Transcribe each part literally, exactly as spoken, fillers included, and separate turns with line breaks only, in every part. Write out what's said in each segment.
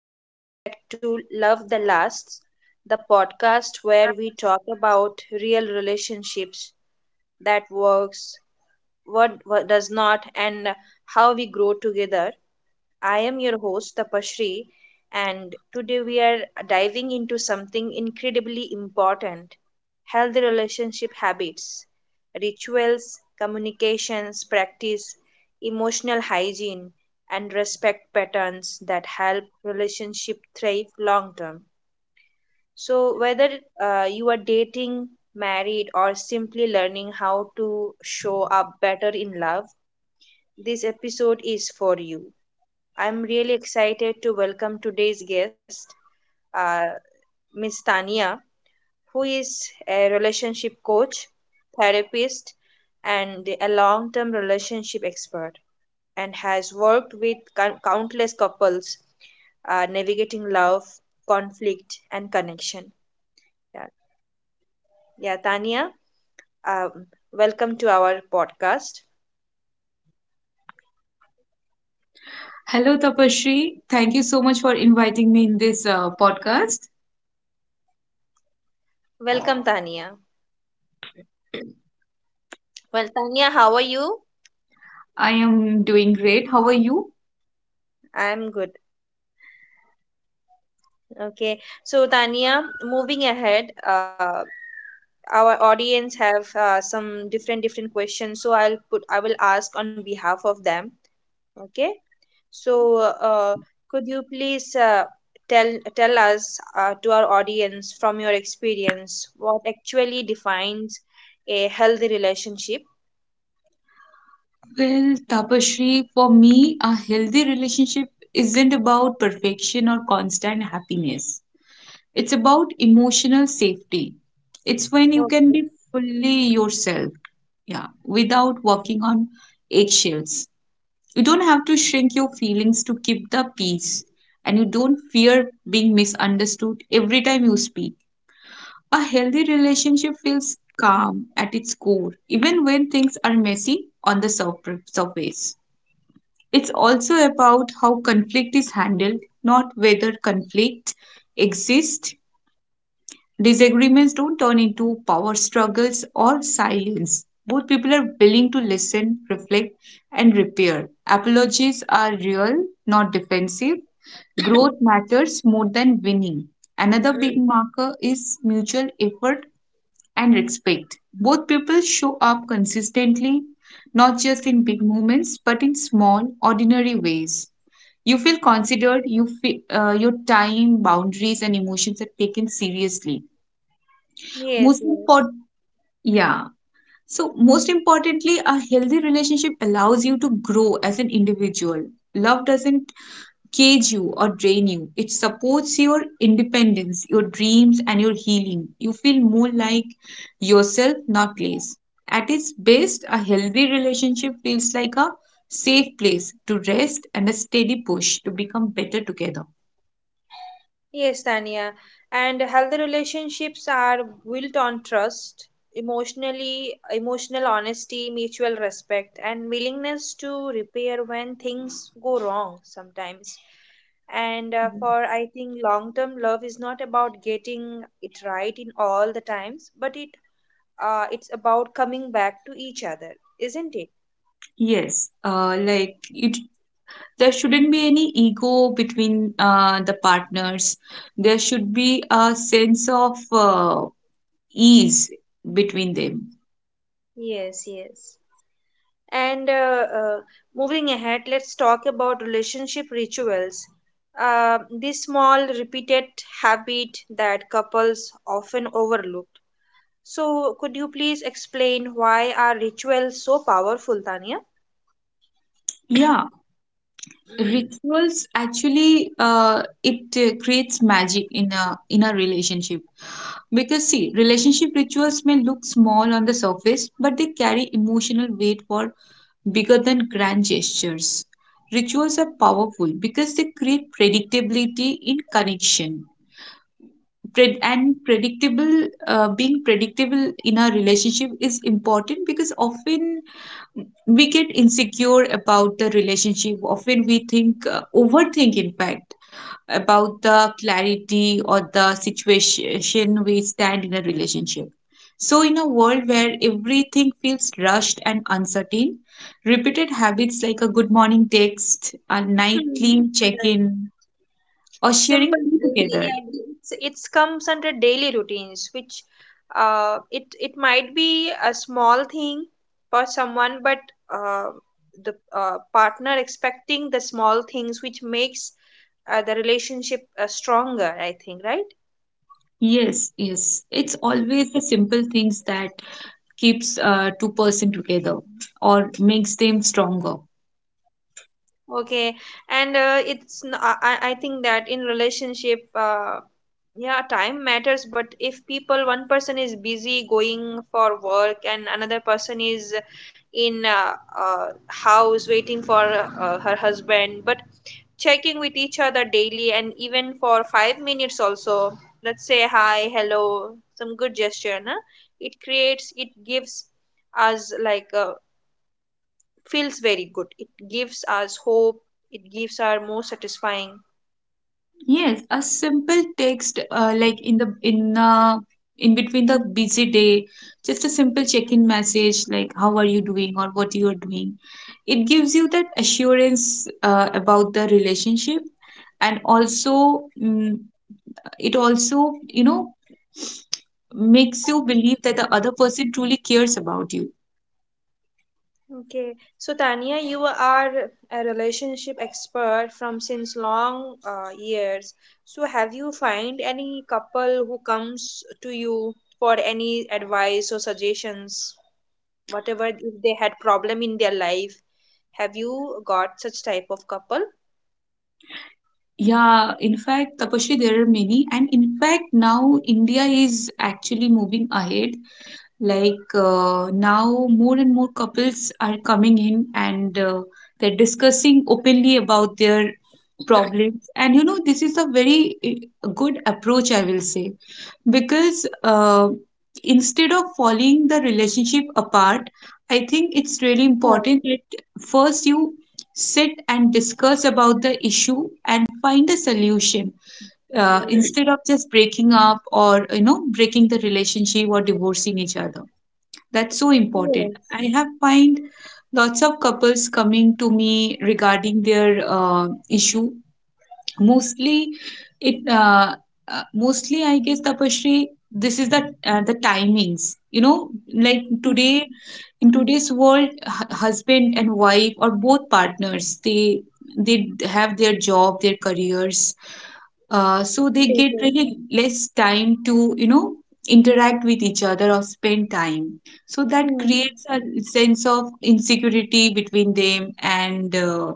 and welcome back to Love the Lasts, the podcast where we talk about real relationships that works, what, what does not, and how we grow together. I am your host, Tapashri, and today we are diving into something incredibly important healthy relationship habits, rituals, communications, practice, emotional hygiene, and respect patterns that help relationship thrive long term. So, whether uh, you are dating, married, or simply learning how to show up better in love, this episode is for you. I'm really excited to welcome today's guest, uh, Miss Tania, who is a relationship coach, therapist, and a long term relationship expert, and has worked with cou- countless couples uh, navigating love, conflict, and connection. Yeah, yeah Tania, um, welcome to our podcast.
Hello, Tapashri. Thank you so much for inviting me in this uh, podcast.
Welcome, Tania. Well, Tania, how are you?
I am doing great. How are you?
I'm good. Okay, so Tania, moving ahead, uh, our audience have uh, some different different questions, so I'll put I will ask on behalf of them. Okay, so uh, could you please uh, tell tell us uh, to our audience from your experience what actually defines a healthy relationship?
Well, Tapashri, for me, a healthy relationship isn't about perfection or constant happiness. It's about emotional safety. It's when you can
Okay.
be fully yourself, yeah, without walking on eggshells. You don't have to shrink your feelings to keep the peace, and you don't fear being misunderstood every time you speak. A healthy relationship feels calm at its core, even when things are messy on the surpr- surface. It's also about how conflict is handled, not whether conflict exists. Disagreements don't turn into power struggles or silence. Both people are willing to listen, reflect, and repair. Apologies are real, not defensive. Growth matters more than winning. Another big marker is mutual effort and respect. Both people show up consistently, not just in big moments, but in small, ordinary ways. You feel considered, you feel, uh, your time, boundaries, and emotions are taken seriously.
Yes,
Most
yes.
important, yeah. So, most importantly, a healthy relationship allows you to grow as an individual. Love doesn't cage you or drain you. It supports your independence, your dreams, and your healing. You feel more like yourself, not less. At its best, a healthy relationship feels like a safe place to rest and a steady push to become better together.
Yes, Tanya. And healthy relationships are built on trust, emotionally, emotional honesty, mutual respect, and willingness to repair when things go wrong sometimes. And uh, for I think long term love is not about getting it right in all the times, but it uh, it's about coming back to each other, isn't it?
Yes, uh, like it, there shouldn't be any ego between uh, the partners. There should be a sense of uh, ease between them.
Yes, yes. And uh, uh, Moving ahead, let's talk about relationship rituals. Uh, the small, repeated habit that couples often overlook. So, could you please explain why are rituals so powerful, Tanya?
Yeah, rituals actually uh, it uh, creates magic in a in a relationship because see, relationship rituals may look small on the surface, but they carry emotional weight for bigger than grand gestures. Rituals are powerful because they create predictability in connection. Pred- and predictable, uh, being predictable in a relationship is important because often we get insecure about the relationship. Often we think uh, overthink, in fact, about the clarity or the situation we stand in a relationship. So, in a world where everything feels rushed and uncertain, repeated habits like a good morning text, a
Hmm.
nightly check
Right.
in, or sharing
Simple
tea
daily,
together.
yeah, it's, it's comes under daily routines which uh it it might be a small thing for someone, but uh the uh, partner expecting the small things which makes uh, the relationship uh, stronger, I think, right?
Yes, yes. It's always the simple things that keeps uh, two person together or makes them stronger.
Okay, and uh, it's n- I I I think that in relationship, uh, yeah, time matters. But if people one person is busy going for work and another person is in uh, uh, house waiting for uh, her husband, but checking with each other daily and even for five minutes also, let's say hi, hello, some good gesture, na? It creates, it gives us like a feels very good. It gives us hope, it gives our more satisfying.
Yes, a simple text uh, like in the in uh, in between the busy day, just a simple check-in message like how are you doing or what you are doing. It gives you that assurance uh, about the relationship, and also, mm, it also, you know, makes you believe that the other person truly cares about you.
Okay, so Tania, you are a relationship expert from since long uh, years. So have you find any couple who comes to you for any advice or suggestions, whatever if they had problem in their life? Have you got such type of couple?
Yeah, in fact, Tapashri, there are many, and in fact, now India is actually moving ahead. Like uh, now, more and more couples are coming in, and uh, they're discussing openly about their problems. And you know, this is a very uh, good approach, I will say, because uh, instead of falling the relationship apart, I think it's really important that first you sit and discuss about the issue and find a solution, uh, instead of just breaking up or, you know, breaking the relationship or divorcing each other. That's so important.
Yes.
I have find lots of couples coming to me regarding their uh, issue. Mostly it uh, uh, mostly, I guess, Tapashri, this is the uh, the timings, you know, like
Mm,
today, in today's world, hu- husband and wife, or both partners, they they have their job, their careers, uh, so they
yes,
get
yes.
really less time to, you know, interact with each other or spend time. So that
Hmm.
creates a sense of insecurity between them, and uh,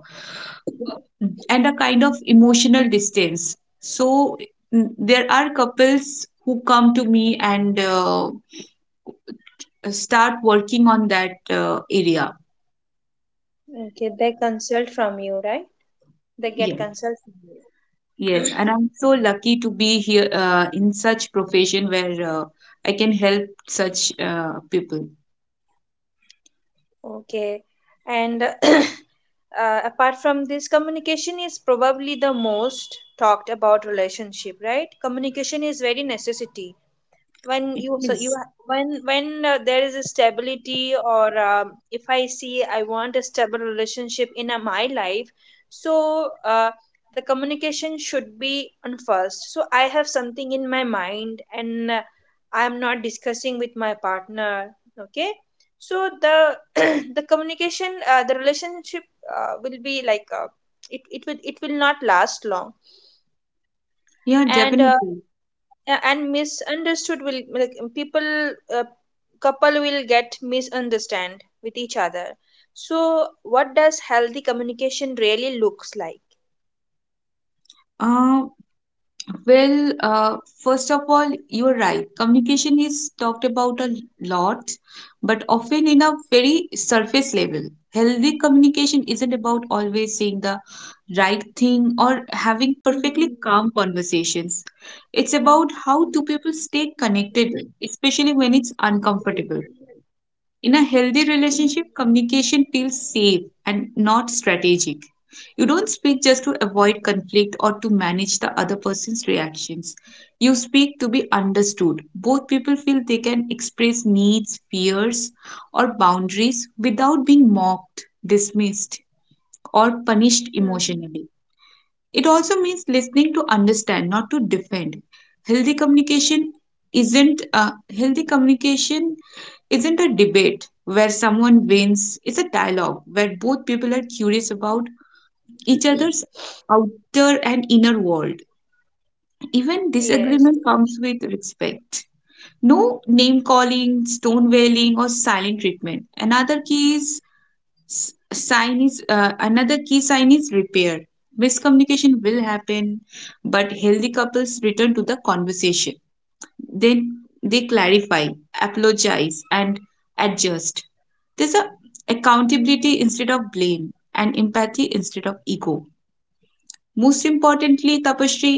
and a kind of emotional distance. So, mm, there are couples who come to me and uh, start working on that uh, area.
Okay, they consult from you, right? They
Yeah.
get consult from you.
Yes, and I'm so lucky to be here uh, in such profession where uh, I can help such uh, people.
Okay. And uh, apart from this, communication is probably the most talked about relationship, right? Communication is very necessity when
It
you, so you
is.
ha- when when uh, there is a stability, or um, if I see I want a stable relationship in uh, my life. So uh, the communication should be on first, so I have something in my mind and uh, I am not discussing with my partner. Okay, so the the communication uh, the relationship uh, will be like uh, it, it will it will not last long.
Yeah,
And uh,
definitely.
yeah, and misunderstood will like, people uh, couple will get misunderstand with each other. So what does healthy communication really looks like?
Uh, Well, uh, first of all, you're right. Communication is talked about a lot, but often in a very surface level. Healthy communication isn't about always saying the right thing or having perfectly
Hmm.
calm conversations. It's about how two people stay connected, especially when it's uncomfortable. In a healthy relationship, communication feels safe and not strategic. You don't speak just to avoid conflict or to manage the other person's reactions. You speak to be understood. Both people feel they can express needs, fears, or boundaries without being mocked, dismissed, or punished emotionally. It also means listening to understand, not to defend. Healthy communication isn't a healthy communication isn't a debate where someone wins. It's a dialogue where both people are curious about each other's outer and inner world. Even
Yes,
disagreement
yes.
comes with respect. No name calling, stone wailing, or silent treatment. Another key is s- sign is uh, another key sign is repair. Miscommunication will happen, but healthy couples return to the conversation. Then they clarify, apologize, and adjust. There's a accountability instead of blame, and empathy instead of ego. Most importantly, Tapashri,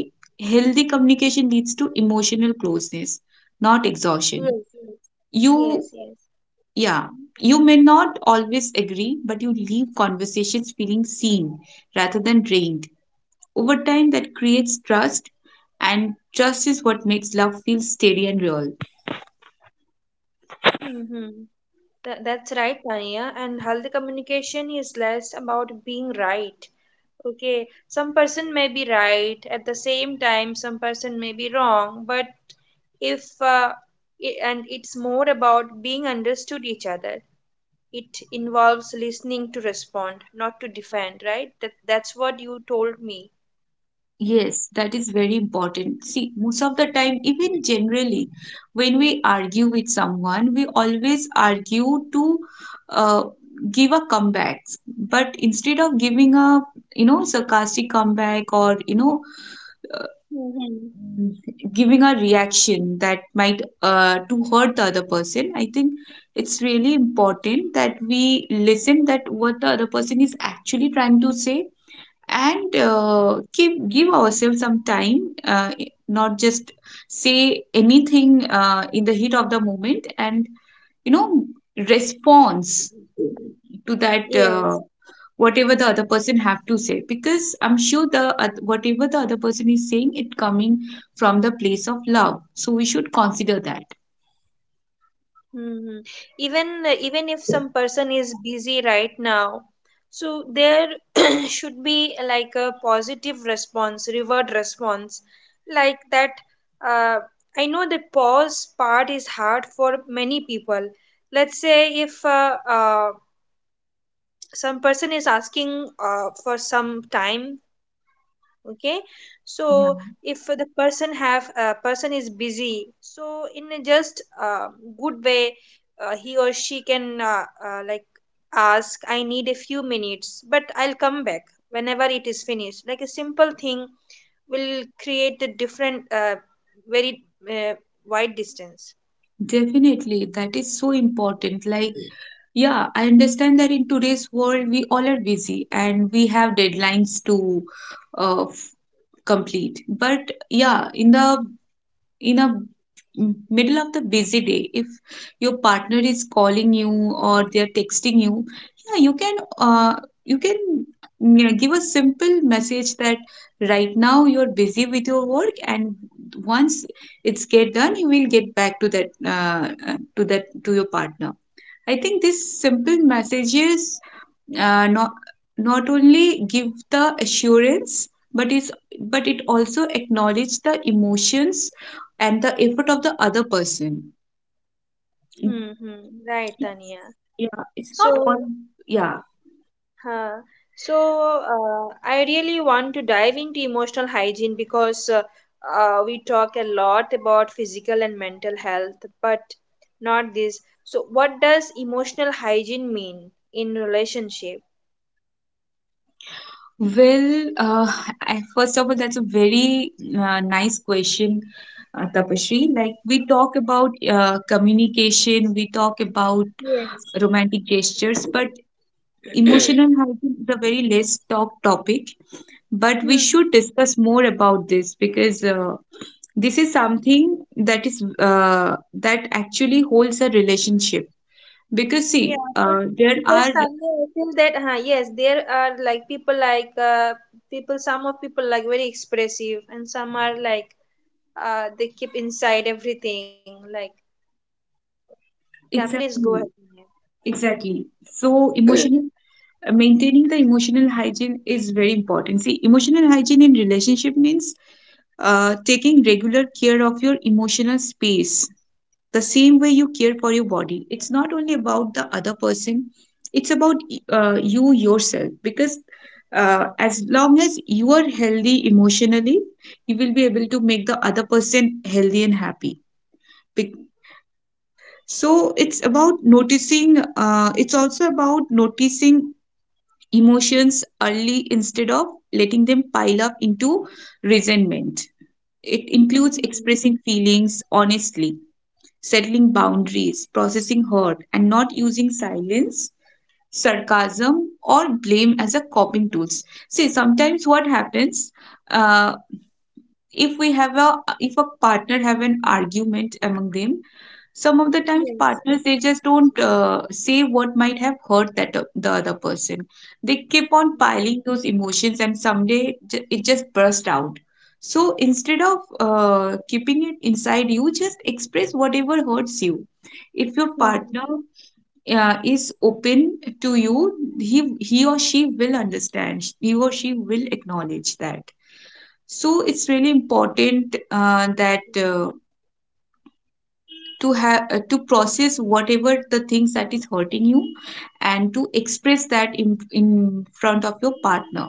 healthy communication leads to emotional closeness, not exhaustion.
Yes,
you
yes, yes.
yeah, you may not always agree, but you leave conversations feeling seen rather than drained. Over time, that creates trust, and trust is what makes love feel steady and real.
Hmm. That that's right, Tanya, and healthy communication is less about being right. Okay, some person may be right, at the same time some person may be wrong, but if uh, and it's more about being understood each other. It involves listening to respond, not to defend, right? That that's what you told me.
Yes, that is very important. See, most of the time, even generally, when we argue with someone, we always argue to uh, give a comeback. But instead of giving a, you know, sarcastic comeback, or, you know,
Mhm.
giving a reaction that might uh, to hurt the other person, I think it's really important that we listen that what the other person is actually trying to say, and uh, give give ourselves some time, uh, not just say anything uh, in the heat of the moment, and, you know, response to that, uh,
Yes.
whatever the other person have to say, because I'm sure the oth- whatever the other person is saying, it coming from the place of love, so we should consider that.
Hmm. Even even if some person is busy right now, so there should be like a positive response, reward response, like that. Uh, I know the pause part is hard for many people. Let's say if uh, uh, some person is asking uh, for some time. Okay,
Yeah,
so if the person have uh, person is busy, so in a just uh, good way, uh, he or she can uh, uh, like ask, I need a few minutes, but I'll come back whenever it is finished. Like a simple thing will create a different, uh, very uh, wide distance.
definitely. That is so important. Like, yeah, I understand that in today's world, we all are busy and we have deadlines to uh, f- complete. But yeah, in the in a m- middle of the busy day, if your partner is calling you or they are texting you, yeah, you can uh, you can, mm, yeah, give a simple message that right now you're busy with your work, and once it's get done, you will get back to that uh, uh, to that to your partner. I think these simple messages uh, not not only give the assurance, but is but it also acknowledge the emotions and the effort of the other person.
Hmm. Hmm, right, Tanya.
Yeah, it's not
So,
all. Yeah.
huh. So, uh, I really want to dive into emotional hygiene because uh, uh, we talk a lot about physical and mental health, but not this. So, what does emotional hygiene mean in relationship?
Well, uh, I, first of all, that's a very uh, nice question, uh, Tapashri. Like we talk about uh, communication, we talk about
Yes.
romantic gestures, but emotional hygiene is a very less talked topic, but we
Hmm.
should discuss more about this because uh, this is something that is uh, that actually holds a relationship. Because see,
Yeah, so
uh, there
because
are
somewhere I feel that, huh, yes, there are like people like uh, people. Some of people like very expressive, and some are like uh, they keep inside everything. Like, yeah, please go ahead.
exactly
Vinay.
exactly so emotional uh, maintaining the emotional hygiene is very important. See, emotional hygiene in relationship means uh, taking regular care of your emotional space the same way you care for your body. It's not only about the other person, it's about uh, you yourself, because uh, as long as you are healthy emotionally, you will be able to make the other person healthy and happy. Bec- so it's about noticing, uh, it's also about noticing emotions early instead of letting them pile up into resentment. It includes
Mhm.
expressing feelings honestly, settling boundaries, processing hurt, and not using silence, sarcasm, or blame as a coping tools. See, sometimes what happens, uh, if we have a if a partner have an argument among them, some of the times
Yes.
partners they just don't uh, say what might have hurt that o- the other person. They keep on piling those emotions and someday j- it just bursts out. So instead of uh, keeping it inside you just express whatever hurts you. If your partner
Mm-hmm.
uh, is open to you, he he or she will understand, he or she will acknowledge that. So it's really important uh, that uh, to have uh, to process whatever the things that is hurting you, and to express that in, in front of your partner.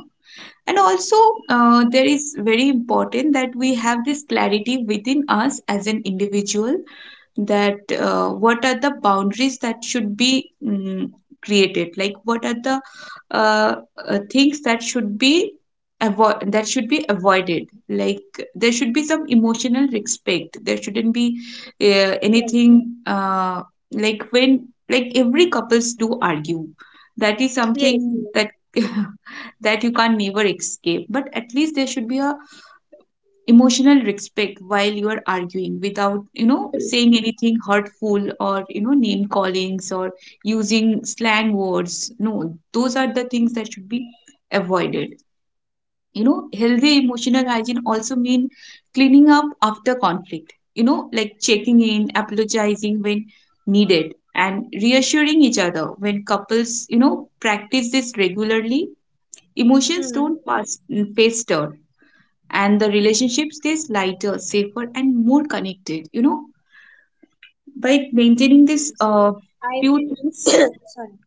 And also, uh, there is very important that we have this clarity within us as an individual, that uh, what are the boundaries that should be mm, created, like what are the uh, uh, things that should be avoid that should be avoided. Like there should be some emotional respect. There shouldn't be uh,
Yes.
anything uh, like, when, like every couples do argue, that is
Yes.
something
Yes.
that that you can never escape, but at least there should be a emotional respect while you are arguing without, you know, saying anything hurtful, or you know, name callings or using slang words, no. Those are the things that should be avoided. You know, healthy emotional hygiene also mean cleaning up after conflict, you know, like checking in, apologizing when needed, and reassuring each other. When couples, you know, practice this regularly, emotions
Mm-hmm.
don't pass faster, and the relationship stays lighter, safer, and more connected. You know, by maintaining this
Yes.
uh,
I
few
feel
things,
sorry.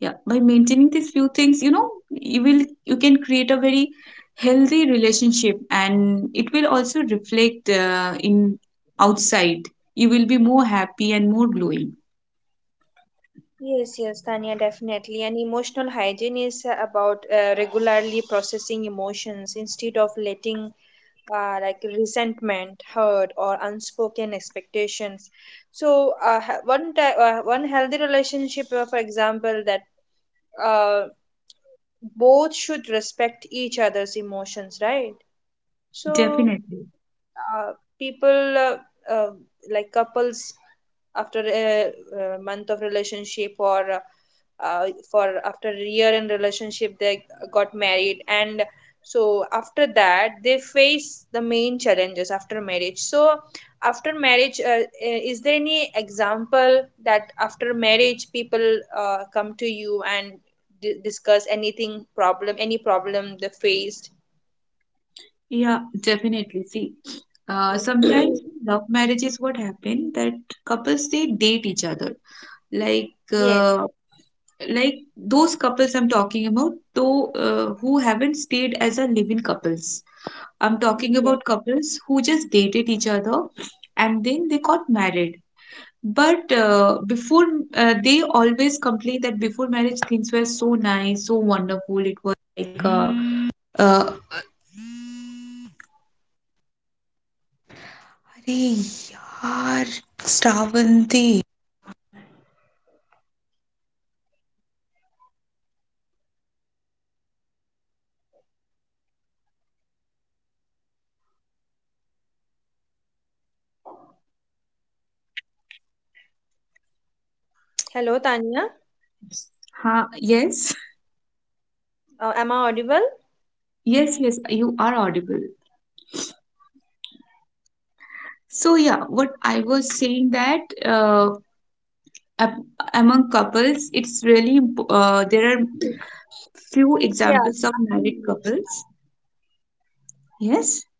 yeah, by maintaining these few things, you know, you will you can create a very healthy relationship, and it will also reflect uh, in outside. You will be more happy and more glowing.
Yes, yes, Tanya, definitely. And emotional hygiene is uh, about uh, regularly processing emotions instead of letting uh, like resentment, hurt, or unspoken expectations. So, uh, ha- one ti- uh, one healthy relationship, uh, for example, that uh, both should respect each other's emotions, right? So
Definitely,
uh, people uh, uh, like couples, after a uh month of relationship, or uh, uh, for after a year in relationship, they got married, and so after that they face the main challenges after marriage. So after marriage, uh, eh, is there any example that after marriage people uh, come to you and di- discuss anything problem, any problem they faced?
yeah, definitely. See. Uh, sometimes in love marriages what happen that couples they date each other, like
Yes.
uh, like those couples I'm talking about, though, uh, who haven't stayed as a living couples. I'm talking about couples who just dated each other and then they got married. But uh, before, uh, they always complain that before marriage things were so nice, so wonderful.
Hello, Tanya.
Huh? Yes,
Uh, am I audible?
yes, yes, you are audible. So, yeah, what I was saying that uh, ab- among couples, it's really imp- uh, there are few
Yeah,
examples of married
absolutely.
couples. Yes,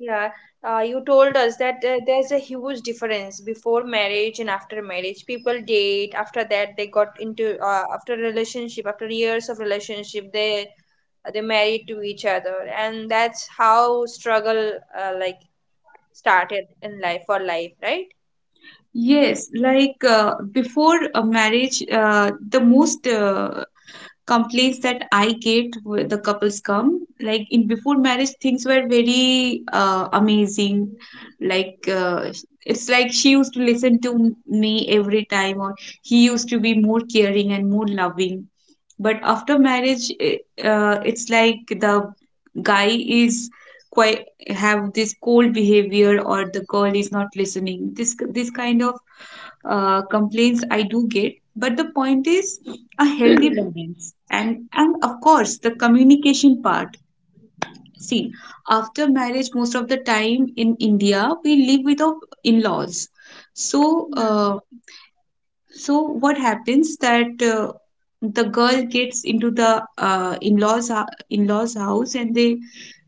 Yeah, uh, you told us that uh, there's a huge difference before marriage and after marriage. People date, after that they got into uh, after relationship, after years of relationship, they uh, they married to each other, and that's how struggle uh, like started in life for life, right?
yes, like uh, before a marriage, uh, the most uh, complaints that I get with the couples come. Like in before marriage, things were very uh, amazing. Like uh, it's like she used to listen to me every time, or he used to be more caring and more loving. But after marriage, eh, uh, it's like the guy is quite have this cold behavior, or the girl is not listening. This this kind of uh, complaints I do get. But the point is, a healthy balance and and of course the communication part. See, after marriage most of the time in India we live with our in-laws. So
Hmm.
uh, so what happens that uh, the girl gets into the uh, in-laws uh, in-laws house, and they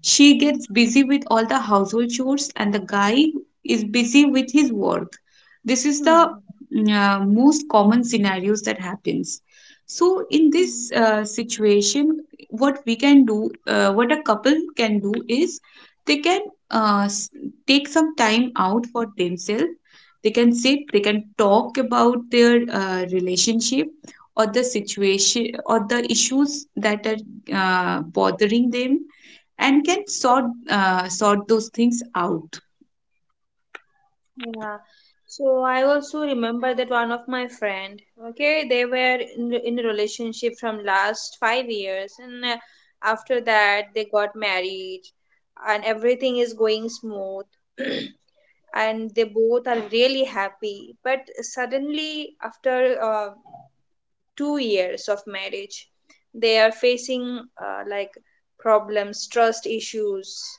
she gets busy with all the household chores and the guy is busy with his work. This is the mm, uh, most common scenarios that happens. So in this
Hmm.
uh, situation, what we can do, uh, what a couple can do is they can uh, s- take some time out for themselves. They can sit, they can talk about their uh, relationship or the situation or the issues that are uh, bothering them, and can sort uh, sort those things out.
Yeah. So I also remember that one of my friend, okay, they were in, in a relationship from last five years, and uh, after that they got married, and everything is going smooth, and they both are really happy. But suddenly, after uh, two years of marriage, they are facing uh, like problems, trust issues.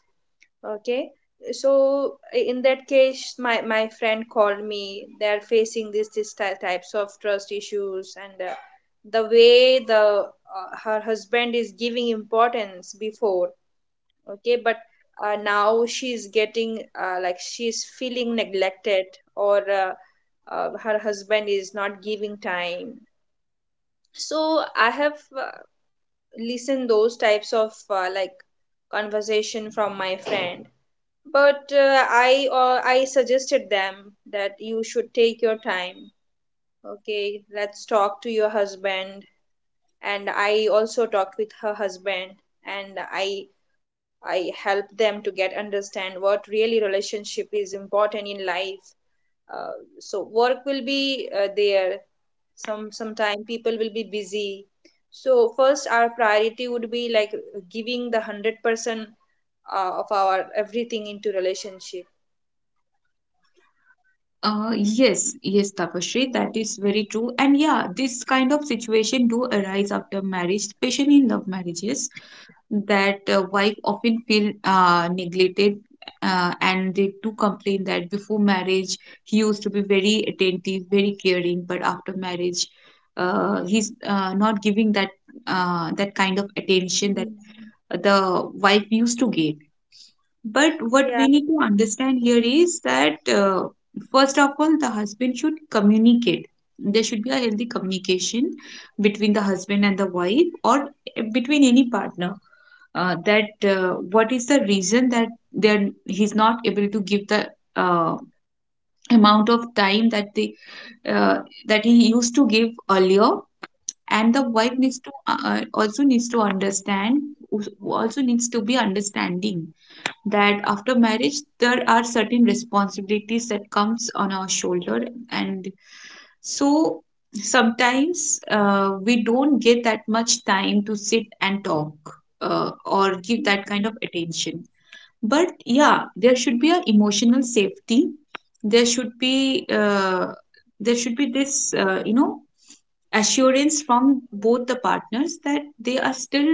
Okay. So in that case, my, my friend called me. They are facing these these ty- types of trust issues, and uh, the way the uh, her husband is giving importance before, okay, but uh, now she's getting uh, like she's feeling neglected, or uh, uh, her husband is not giving time. So I have uh, listened those types of uh, like conversation from my friend, but uh, i uh, I suggested them that you should take your time. Okay, let's talk to your husband. And I also talked with her husband, and i i helped them to get understand what really relationship is important in life. Uh, so work will be uh, there, some sometime people will be busy, so first our priority would be like giving the one hundred percent uh, of our everything into relationship.
Uh, yes, yes, Tapasree, that is very true. And yeah, this kind of situation do arise after marriage, especially in love marriages. That uh, wife often feel uh, neglected, uh, and they do complain that before marriage he used to be very attentive, very caring, but after marriage uh, he's uh, not giving that uh, that kind of attention that
Mm,
the wife used to get. But what we
yeah.
need to understand here is that uh, first of all the husband should communicate. There should be a healthy communication between the husband and the wife, or eh, between any partner, uh, that uh, what is the reason that they're he's not able to give the uh, amount of time that the uh, that he used to give earlier. And the wife
Mm,
needs to uh, uh, also needs to understand, also needs to be understanding, that after marriage there are certain responsibilities that comes on our shoulder. And so sometimes uh, we don't get that much time to sit and talk uh, or give that kind
mm.
of attention. But yeah, there should be an emotional safety. There should be uh, there should be this, uh, you know, assurance from both the partners that they are still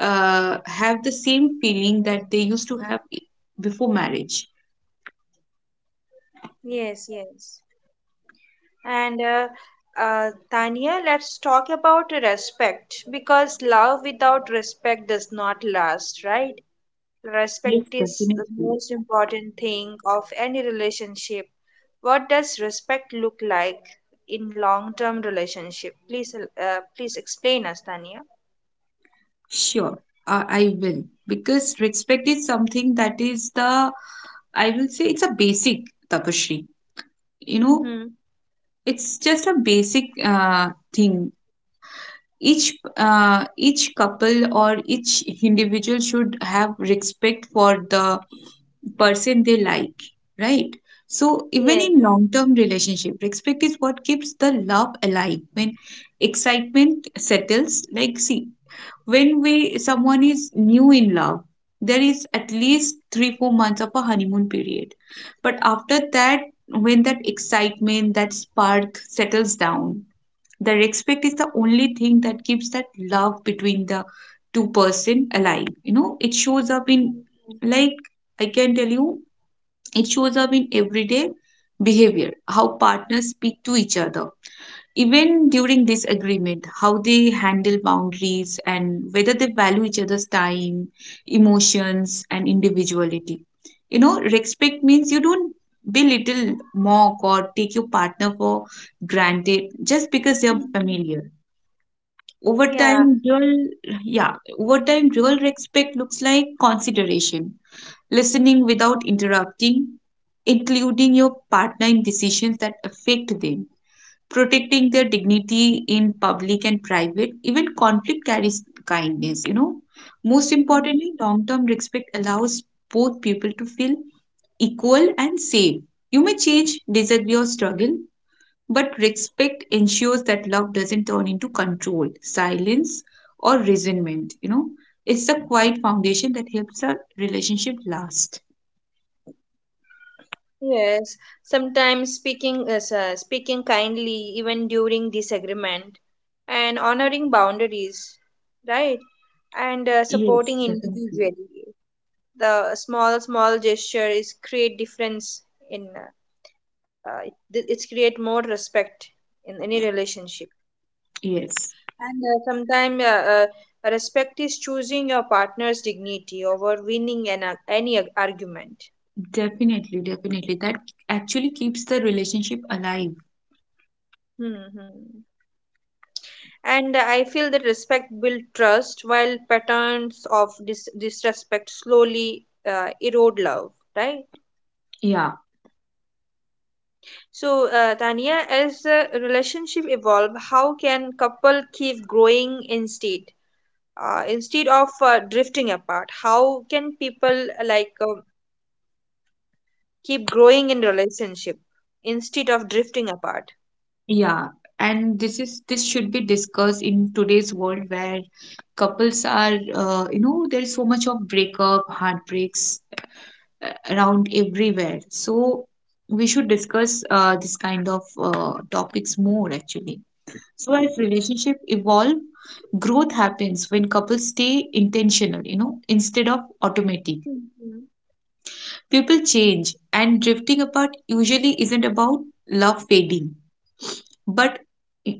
uh, have the same feeling that they used to have i- before marriage.
Yes, yes. And uh, uh, Tania, let's talk about respect because love without respect does not last, right?
Yes,
Respect is the
definitely.
most important thing of any relationship. What does respect look like in long-term relationship? Please, uh, please explain us, Tania.
Sure, uh, I will. Because respect is something that is the, I will say it's a basic, Tapashri. You know,
Mm-hmm.
it's just a basic uh, thing. Each uh, each couple or each individual should have respect for the person they like, right? So even in
Yes.
long term relationship, respect is what keeps the love alive when excitement settles. Like see, when we someone is new in love, there is at least three four months of a honeymoon period. But after that, when that excitement, that spark settles down, the respect is the only thing that keeps that love between the two person alive. You know, it shows up in, like, I can tell you, it shows up in everyday behavior, how partners speak to each other. Even during disagreement, how they handle boundaries and whether they value each other's time, emotions, and individuality. You know, respect means you don't belittle, mock, or take your partner for granted just because they're
Mhm.
familiar. Over
Yeah.
time, dual Yeah, over time, dual respect looks like consideration, listening without interrupting, including your partner in decisions that affect them, protecting their dignity in public and private. Even conflict carries kindness, you know. Most importantly, long term respect allows both people to feel equal and safe. You may change, disagree, or struggle, but respect ensures that love doesn't turn into control, silence, or resentment. You know, it's a quiet foundation that helps a relationship last.
Yes, sometimes speaking is, uh, speaking kindly even during disagreement and honoring boundaries, right? And uh,
Yes,
supporting
definitely.
individually. The small small gesture is create difference in uh, uh, it- it's create more respect in any relationship.
Yes,
And uh, sometimes uh, uh, respect is choosing your partner's dignity over winning an ar- any ar- argument.
definitely, definitely. That actually keeps the relationship alive.
Hmm, hmm. And I feel that respect builds trust, while patterns of dis- disrespect slowly uh, erode love. Right.
Yeah,
So, uh, Tania, as a relationship evolve, how can couple keep growing instead, uh, instead of uh, drifting apart? How can people uh, like uh, keep growing in relationship instead of drifting apart?
yeah. And this is this should be discussed in today's world where couples are, uh, you know, there's so much of breakup, heartbreaks, uh, around everywhere. So we should discuss uh, this kind of uh, topics more actually. So as relationship evolve, growth happens when couples stay intentional, you know, instead of automatic.
Mm-hmm.
People change, and drifting apart usually isn't about love fading, but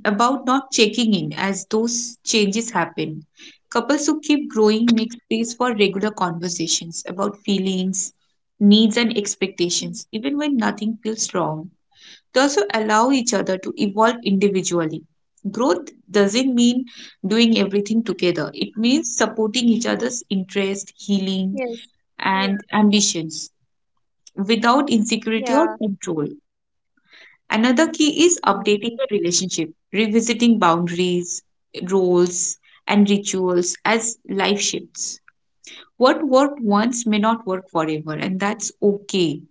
about not checking in as those changes happen. Couples who keep growing make space for regular conversations about feelings, needs, and expectations, even when nothing feels wrong. They also allow each other to evolve individually. Growth doesn't mean doing everything together, it means supporting each other's interests, healing,
Yes. Yeah.
and ambitions without insecurity
Yeah.
or control. Another key is
Mm-hmm.
updating the relationship, revisiting boundaries, roles, and rituals as life shifts. What worked once may not work forever, and that's okay.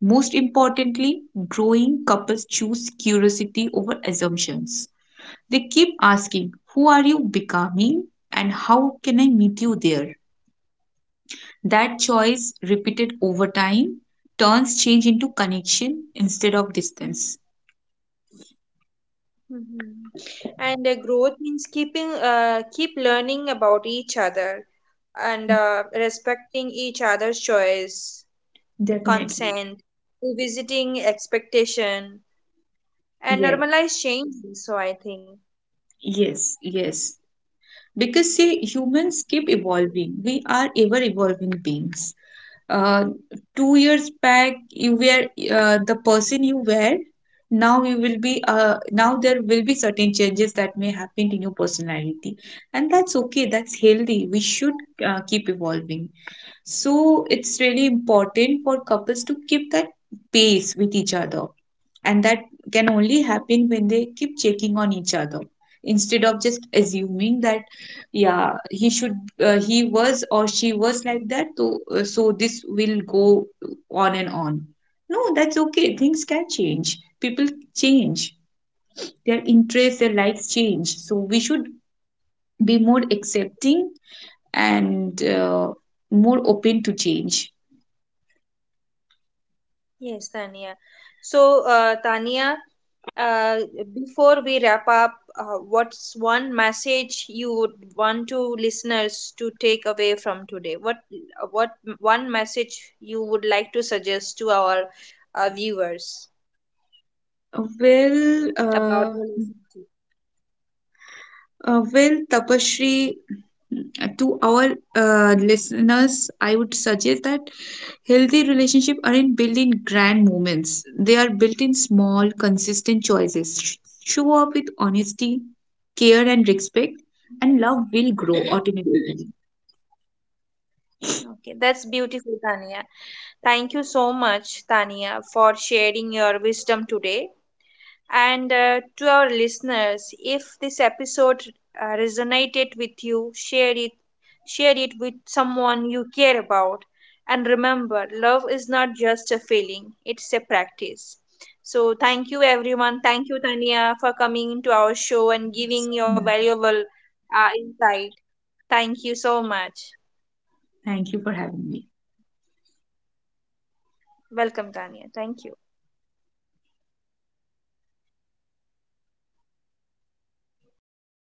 Most importantly, growing couples choose curiosity over assumptions. They keep asking, who are you becoming? And how can I meet you there? That choice, repeated over time, turns change into connection instead of distance.
Mhm. And uh, growth means keeping uh, keep learning about each other and uh, respecting each other's choice,
Definitely.
consent, revisiting expectation, and
Yes.
normalize change. So I think.
Yes, yes. Because see, humans keep evolving. We are ever evolving beings. Uh, Two years back, you were uh, the person you were. Now you will be. Uh, now there will be certain changes that may happen in your personality, and that's okay. That's healthy. We should uh, keep evolving. So it's really important for couples to keep that pace with each other, and that can only happen when they keep checking on each other instead of just assuming that yeah he should uh, he was or she was like that, so uh, so this will go on and on. No, that's okay. Things can change, people change, their interests, their likes change, so we should be more accepting and uh, more open to change.
Yes, Tania. So, uh, Tania, uh, before we wrap up, uh, what's one message you would want to listeners to take away from today? What uh, what one message you would like to suggest to our uh, viewers
well uh,
about relationship?
Uh, well, Tapashri, to our uh, listeners, I would suggest that healthy relationships aren't built in grand moments. They are built in small, consistent choices. Sh- Show up with honesty, care, and respect, and love will
Yes.
grow automatically.
Okay, that's beautiful, Tania. Thank you so much, Tania, for sharing your wisdom today. And uh, to our listeners, if this episode uh, resonated with you, share it share it with someone you care about. And remember, love is not just a feeling, it's a practice. So thank you everyone. Thank you Tania for coming to our show and giving your
So much.
valuable uh, insight. Thank you so much.
Thank you for having me.
Welcome Tania. Thank you.